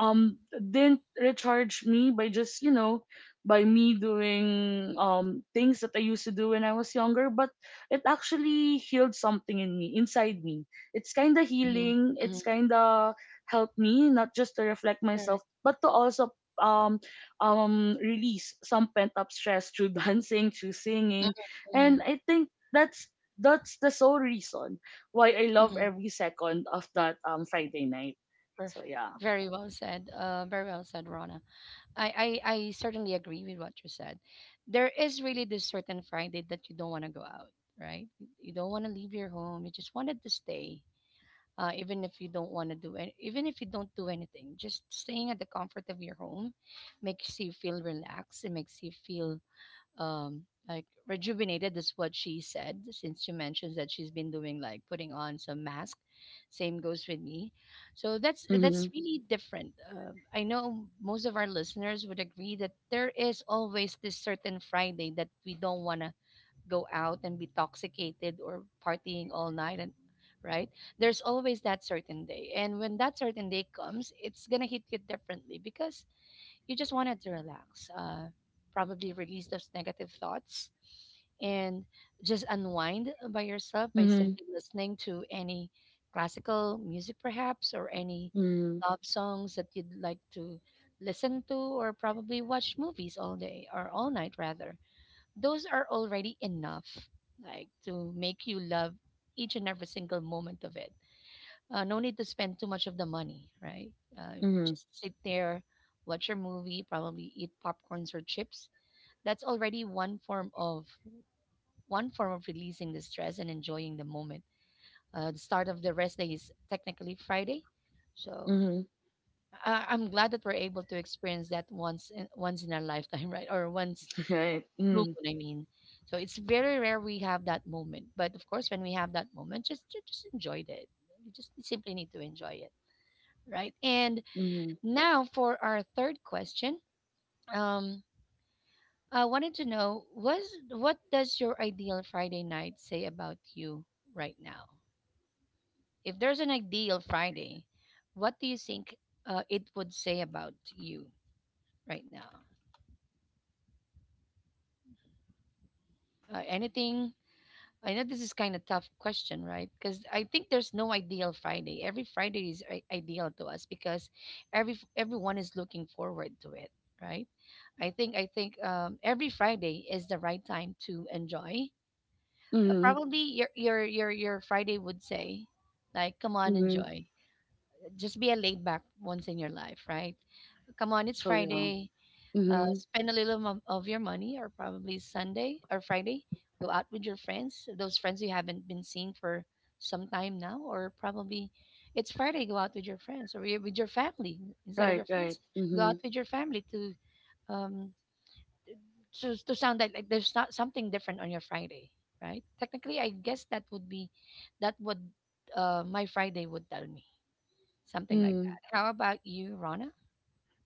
didn't recharge me by just, you know, by me doing things that I used to do when I was younger, but it actually healed something in me, inside me. It's kind of healing, Mm-hmm. it's kind of helped me not just to reflect myself, Correct. but to also release some pent up stress through dancing, through singing. And Mm-hmm. I think that's the sole reason why I love Mm-hmm. every second of that Friday night. So Perfect. yeah. Very well said. Very well said, Rona. I certainly agree with what you said. There is really this certain Friday that you don't want to go out, right? You don't want to leave your home. You just wanted to stay, even if you don't want to do it, even if you don't do anything, just staying at the comfort of your home makes you feel relaxed. It makes you feel, um, like rejuvenated is what she said, since she mentions that she's been doing like putting on some mask. Same goes with me. So that's Mm-hmm. that's really different. I know most of our listeners would agree that there is always this certain Friday that we don't want to go out and be toxicated or partying all night, and right, there's always that certain day, and when that certain day comes, it's gonna hit you differently because you just wanted to relax, probably release those negative thoughts and just unwind by yourself by Mhm. simply listening to any classical music perhaps or any Mhm. love songs that you'd like to listen to, or probably watch movies all day or all night rather. Those are already enough, like, to make you love each and every single moment of it. No need to spend too much of the money, right? Mhm. Just sit there, watch your movie, probably eat popcorns or chips. That's already one form of releasing the stress and enjoying the moment. The start of the rest day is technically Friday. So Mhm. I'm glad that we're able to experience that once in our lifetime, right, or once Right. blue Mhm. moon, I mean. So it's very rare we have that moment. But of course, when we have that moment, just enjoy it. You just simply need to enjoy it, right? And Mhm. now for our third question, um, I wanted to know was what does your ideal Friday night say about you right now? If there's an ideal Friday, what do you think it would say about you right now? Anything, I know this is kind of tough question, right? Because I think there's no ideal Friday. Every Friday is ideal to us because everyone is looking forward to it, right? I think every Friday is the right time to enjoy. Mhm. Probably your Friday would say, like, come on, Mhm. enjoy. Just be a laid back once in your life, right? Come on, it's So yeah. Friday. Mhm. Spend a little of your money, or probably Sunday or Friday. Go out with your friends, those friends you haven't been seeing for some time now, or probably it's Friday. Go out with your friends, or with your family instead of Right. your Right. friends. Go Mhm. out with your family to um sound like, there's not something different on your Friday, right? Technically, I guess that would be that would my Friday would tell me something like Mhm. that. How about you, Rona?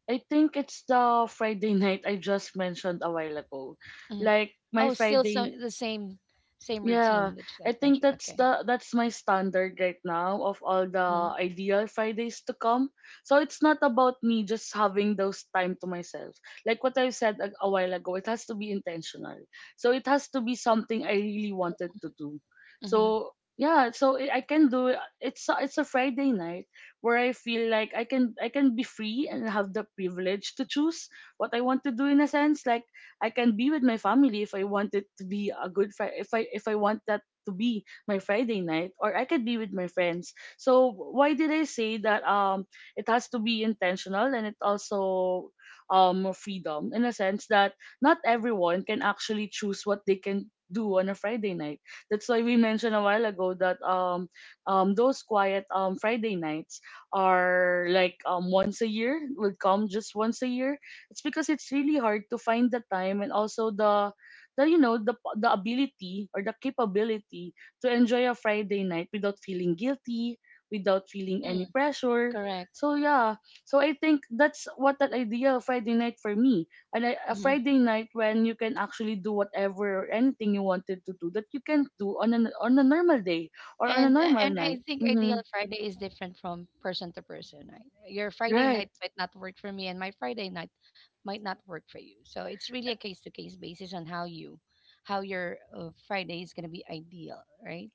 I think it's the Friday night I just mentioned a while ago. Mhm. Like my Oh, still so Friday. the same Yeah, routine that you I like think mentioned. that's Okay. the that's my standard right now of all the Mm-hmm. ideal Fridays to come. So it's not about me just having those time to myself. Like what I said a while ago, it has to be intentional. So it has to be something I really wanted to do. Mm-hmm. So yeah, so I can do it. It's it's a Friday night where I feel like I can be free and have the privilege to choose what I want to do in a sense. Like I can be with my family if I want it to be a good Friday, if I want that to be my Friday night, or I could be with my friends. So why did I say that it has to be intentional, and it also freedom in a sense that not everyone can actually choose what they can do on a Friday night. That's why we mentioned a while ago that those quiet Friday nights are like once a year, would come just once a year. It's because it's really hard to find the time, and also the, you know, the ability or the capability to enjoy a Friday night without feeling guilty, without feeling Mm, any pressure. correct. So yeah, so I think that's what that idea of Friday night for me. A Mm-hmm. Friday night when you can actually do whatever or anything you wanted to do that you can do on a normal day or on a And normal I night. think ideal Mm-hmm. Friday is different from person to person. Right? Your Friday Right. night might not work for me, and my Friday night might not work for you. So it's really a case to case basis on how your Friday is gonna be ideal, right?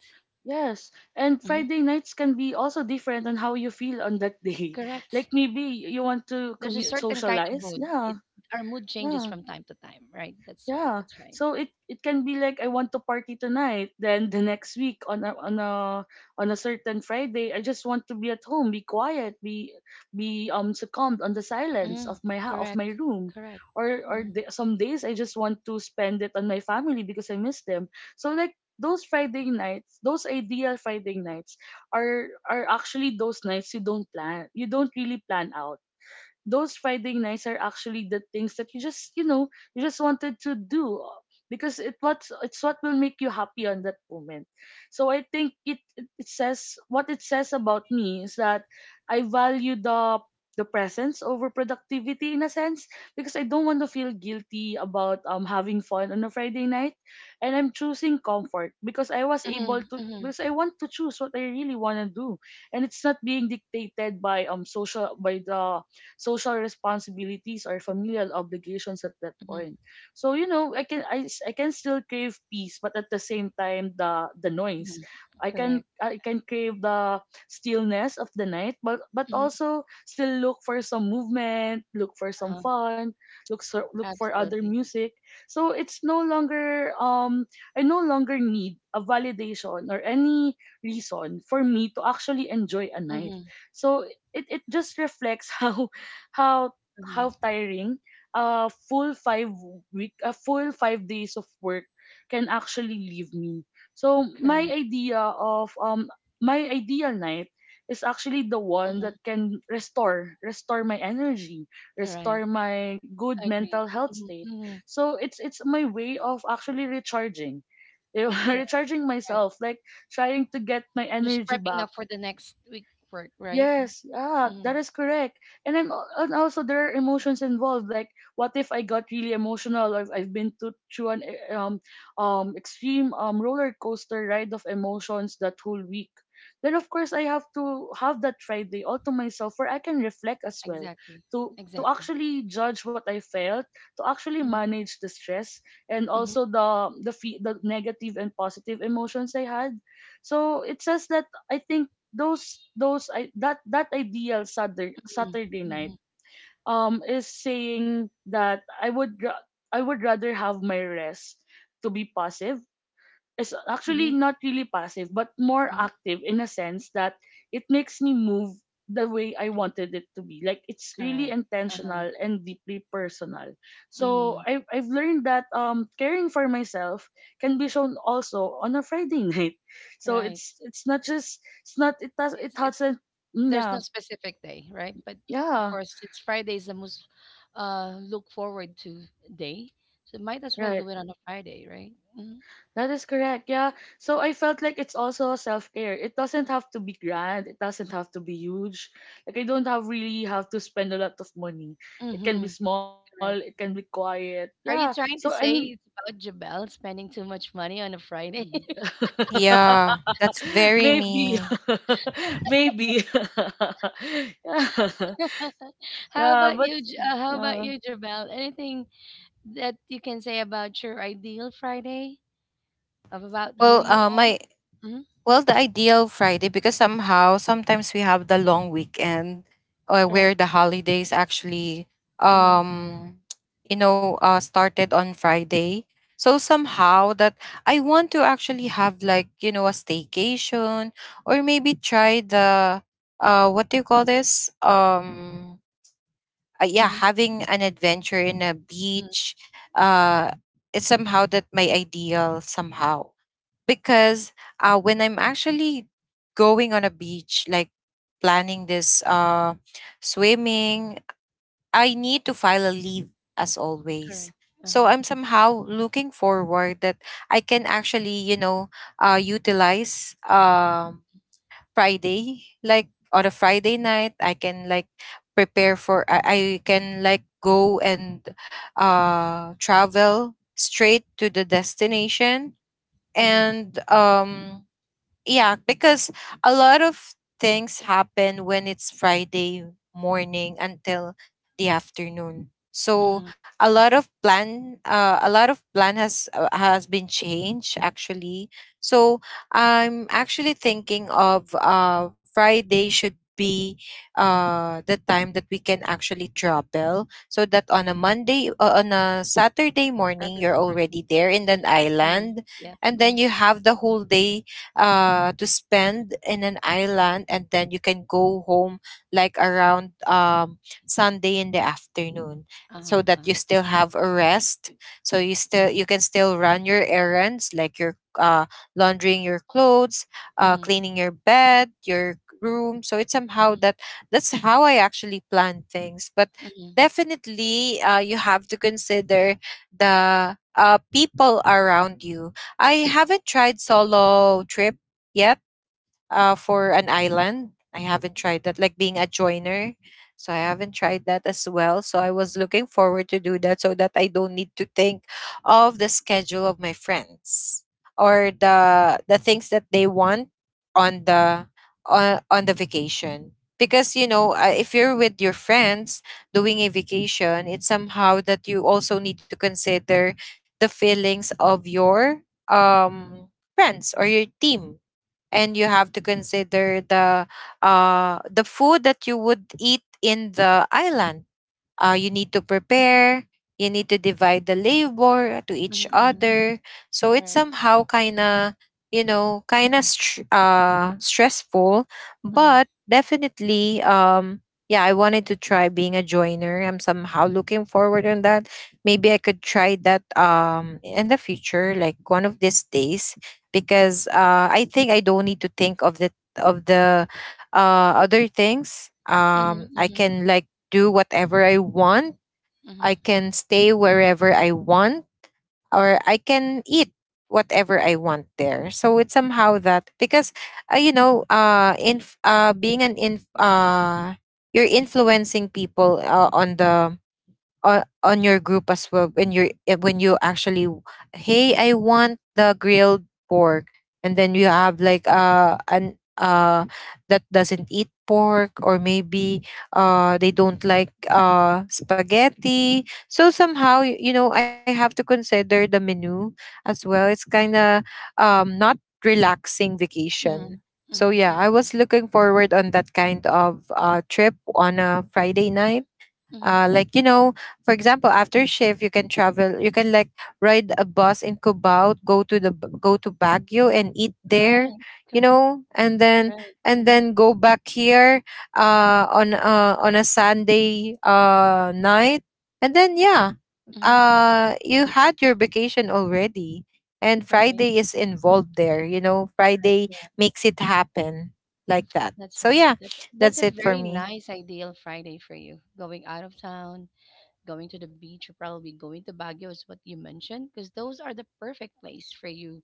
Yes, and Hmm. Friday nights can be also different on how you feel on that day. Correct. Like maybe you want to There's a certain kind of socialize. mood. It Yeah, Our mood changes yeah. from time to time, right? That's right. Yeah. That's right. So it can be like I want to party tonight. Then the next week on a certain Friday, I just want to be at home, be quiet, be succumbed on the silence of Mm, my ha- of my correct, room. correct. Or or Mm. the, some days I just want to spend it on my family because I miss them. So like those Friday nights, those ideal Friday nights are actually those nights you don't plan. You don't really plan out those Friday nights are actually the things that you just wanted to do, because it's what will make you happy on that moment. So I think it says, what it says about me, is that I value the presence over productivity, in a sense, because I don't want to feel guilty about having fun on a Friday night, and I'm choosing comfort Mm-hmm, mm-hmm, because I want to choose what I really want to do, and it's not being dictated by the social responsibilities or familial obligations at that mm-hmm, point. So I can, I can still crave peace, but at the same time the noise. mm-hmm. I can Correct. I can crave the stillness of the night, but Mm-hmm, also still look for some movement, look for some uh-huh, fun, look for other absolutely. music. So it's no longer, I no longer need a validation or any reason for me to actually enjoy a night. Mm-hmm, So it just reflects how how uh-huh. tiring a full five a full 5 days of work can actually leave me. So my Correct. idea of my ideal night is actually the one Mm-hmm, that can restore my energy, restore correct. my good mental Agreed. health state. Mm-hmm, mm-hmm, So it's my way of actually recharging. correct, Recharging right. myself, like trying to get my Just energy prepping back. up for the next week work, right? Yes, yeah, that Mm, is correct. And and also, there are emotions involved. Like, what if I got really emotional, or if I've been to through an extreme, roller coaster ride of emotions that whole week? Then of course I have to have that Friday all to myself, where I can reflect as well, exactly, to exactly. actually judge what I felt, to actually Mm-hmm, manage the stress, and mm-hmm, also the negative and positive emotions I had. So it says that, I think, those I, that that ideal Saturday mm-hmm, Saturday night mm-hmm, is saying that I would rather have my rest. To be passive is actually mm-hmm, not really passive, but more mm-hmm, active, in a sense that it makes me move the way I wanted it to be. Like, it's really correct. Uh-huh, intentional and deeply personal. So mm-hmm, I've learned that caring for myself can be shown also on a Friday night. So right. It It's doesn't. there's no Yeah, specific day, right? But of yeah. course, it's Friday is the most look forward to day. So might as well Right. do it on a Friday, right? That is correct. Yeah. So I felt like it's also self care. It doesn't have to be grand. It doesn't have to be huge. Like, I don't have really have to spend a lot of money. It can be Mm-hmm. small. It can be Correct. quiet. Yeah. Are you So I trying to mean, say it's about Jabel spending too much money on a Friday? Yeah, that's very maybe, me. maybe. Yeah. How Yeah. about But you? How about uh, you, Jabel? Anything that you can say about your ideal Friday? Of about who Well, you are? my Mm-hmm. well, the ideal Friday because somehow sometimes we have the long weekend, or Correct. where the holidays actually, Mm-hmm. um, you know, started on Friday. So somehow that I want to actually have like you know a staycation or maybe try the what do you call this yeah, Mm-hmm. having an adventure in a Hmm. beach, uh, it's somehow that my ideal somehow because when I'm actually going on a beach, like planning this swimming, I need to file a leave as always. Correct. So Uh-huh. I'm somehow looking forward that I can actually, utilize Friday, like on a Friday night, I can like prepare for I can like go and travel straight to the destination Mm-hmm. and yeah, because a lot of things happen when it's Friday morning until the afternoon. Mm-hmm. So a lot of plan has been changed actually. So I'm actually thinking of Friday should be the time that we can actually travel, so that on a Saturday morning, you're Saturday or already something. there in an Mm-hmm. Mm-hmm. island, Yep. and then Mm-hmm. you have the whole day to spend in an island and then you can go home like around Sunday in the afternoon Uh-huh, so that you uh-huh. still have a rest so you Mhm, can still run your errands like your laundering your clothes, mhm, cleaning your bed, your room. So it's somehow mhm, that that's how I actually plan things. But mhm, definitely you have to consider the people around you. I haven't tried solo trip yet, for an island. I haven't tried that, like being a joiner. So I haven't tried that as well. So I was looking forward to do that so that I don't need to think of the schedule of my friends or the things that they want on the vacation. Because you know, if you're with your friends doing a vacation, it's somehow that you also need to consider the feelings of your friends or your team, and you have to consider the the food that you would eat in the island. Uh, you need to prepare. You need to divide the labor to each mhm, mhm. other. So it's Correct. somehow kind of, you know, kind of stressful. But Mhm, definitely, yeah, I wanted to try being a joiner. I'm somehow looking forward on that. Maybe I could try that in the future, like one of these days, because I think I don't need to think of the other things. mhm, I mhm, can like do whatever I want. I mhm, can stay wherever I want, or I can eat whatever I want there. So it's somehow that, because you know, in being an in you're influencing people on your group as well when when you actually, hey, I want the grilled pork, and then you have like an that doesn't eat pork, or maybe they don't like spaghetti. So somehow you know, I have to consider the menu as well. It's kind of not relaxing vacation. mhm, So mhm, yeah, mhm, I was looking forward on that kind of trip on a Friday night, mhm. Like you know, for example, after shift, you can travel, you can like ride a bus in Cubao, go to go to Baguio and eat there, Right. you Correct. know, Right. and Mhm, then go back here on a Sunday night, and then yeah, mhm. You had your vacation already, and Right. Friday is Mhm. involved there. You know, Correct. Friday Correct. makes it happen like that. That's So right. yeah, That's a that's it for very me. nice ideal Friday for you. Going out of town, going to the beach, or probably going to Baguio is what you mentioned, because those are the perfect place for you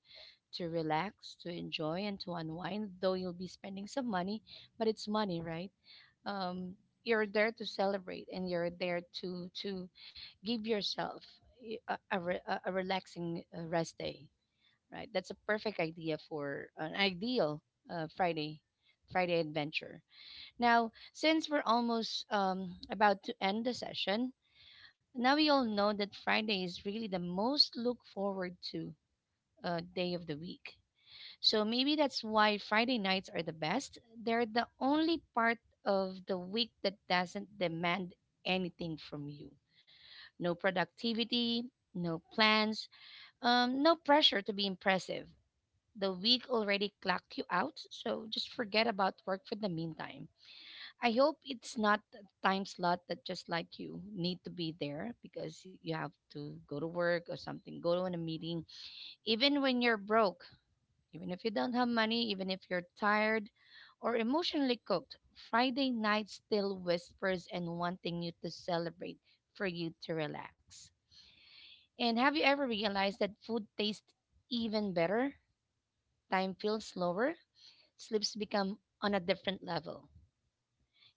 to relax, to enjoy, and to unwind. Though you'll be spending some money, but it's money, right? um, you're there to celebrate, and you're there to give yourself y- a, re- a relaxing rest day. Right, that's a perfect idea for an ideal uh, friday friday adventure. Now, since we're almost about to end the session, now we all know that Friday is really the most look forward to day of the week. So maybe that's why Friday nights are the best. They're the only part of the week that doesn't demand anything from you. No productivity, no plans, no pressure to be impressive. The week already clocked you out, so just forget about work for the meantime. I hope it's not a time slot that just like you need to be there because you have to go to work or something, go to a meeting, even when you're broke, even if you don't have money, even if you're tired or emotionally cooked, Friday night still whispers and wanting you to celebrate, for you to relax. And have you ever realized that food tastes even better? Time feels slower, sleeps become on a different level.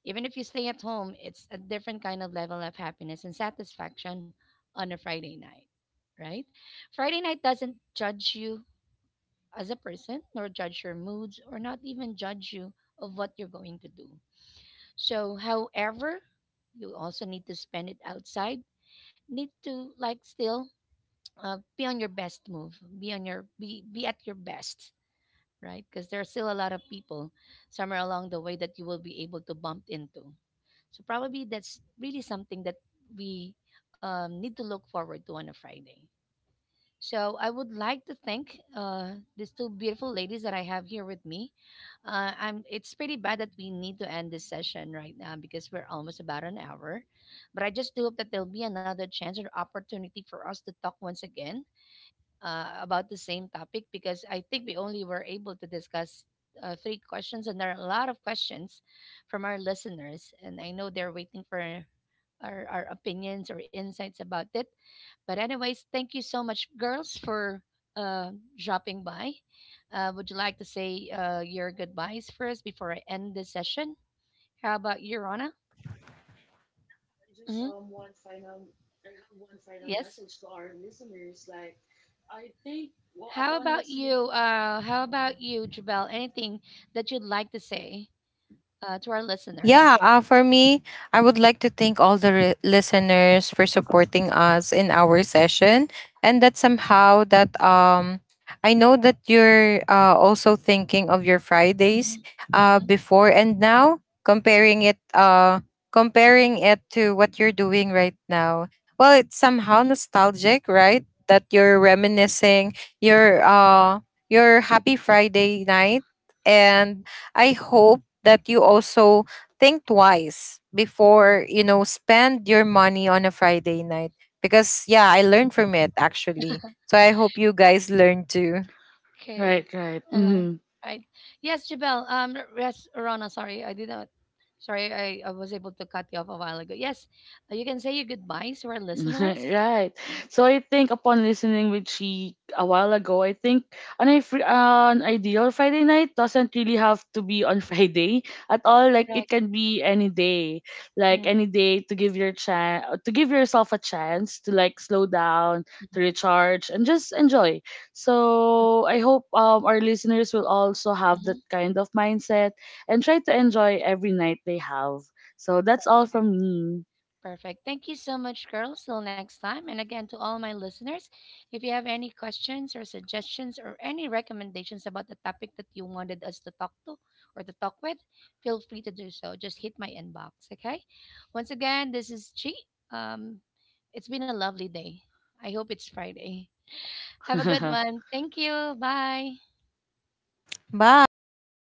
Even if you stay at home, it's a different kind of level of happiness and satisfaction on a Friday night, right? Friday night doesn't judge you as a person, nor judge your moods, or not even judge you of what you're going to do. So, however, you also need to spend it outside. Need to like still be on your best move. Be at your best, right? Because there are still a lot of people somewhere along the way that you will be able to bump into. So probably that's really something that we need to look forward to on a Friday. So I would like to thank these two beautiful ladies that I have here with me. I'm. It's pretty bad that we need to end this session right now because we're almost about an hour. But I just do hope that there'll be another chance or opportunity for us to talk once again about the same topic, because I think we only were able to discuss three questions, and there are a lot of questions from our listeners, and I know they're waiting for our opinions or insights about it. But anyways, thank you so much, girls, for uh, dropping by. Would you like to say your goodbyes first before I end this session? How about you, Rana? I just Hmm. um one final I have one final Yes. message to our listeners. Like, I think, well, How upon about listening. you? How about you, Jabel? Anything that you'd like to say to our Yeah, listeners? For me, I would like to thank all the listeners for supporting us in our session, and that somehow that I know that you're also thinking of your Fridays Mm-hmm. before and now, comparing it to what you're doing right now. Well, it's somehow Mm-hmm. nostalgic, right? That you're reminiscing your uh, your happy Friday night, and I hope that you also think twice before, you know, spend your money on a Friday night, because yeah, I learned from it actually, so I hope you guys learn too. Okay. Right, right. Uh, Hmm. right. Yes, Jabel. Yes, Rona. Sorry, I did not. Sorry, I was able to cut you off a while ago. Yes, you can say your goodbyes to our listeners. Right. So I think, upon listening with she a while ago, I think an ideal Friday night doesn't really have to be on Friday at all. Like, it Correct. can be any day, like any day, to give yourself a chance to, like, slow down, to recharge, and just enjoy. So I hope, our listeners will also have that Mm-hmm. kind of mindset and try to enjoy every night they have. So that's all from me. Perfect. Thank you so much, girls. Till next time. And again, to all my listeners, if you have any questions or suggestions or any recommendations about the topic that you wanted us to talk to or to talk with, feel free to do so. Just hit my inbox, okay? Once again, this is Chi. Um, it's been a lovely day. I hope it's Friday. Have a good one. Thank you. Bye. Bye, thank you.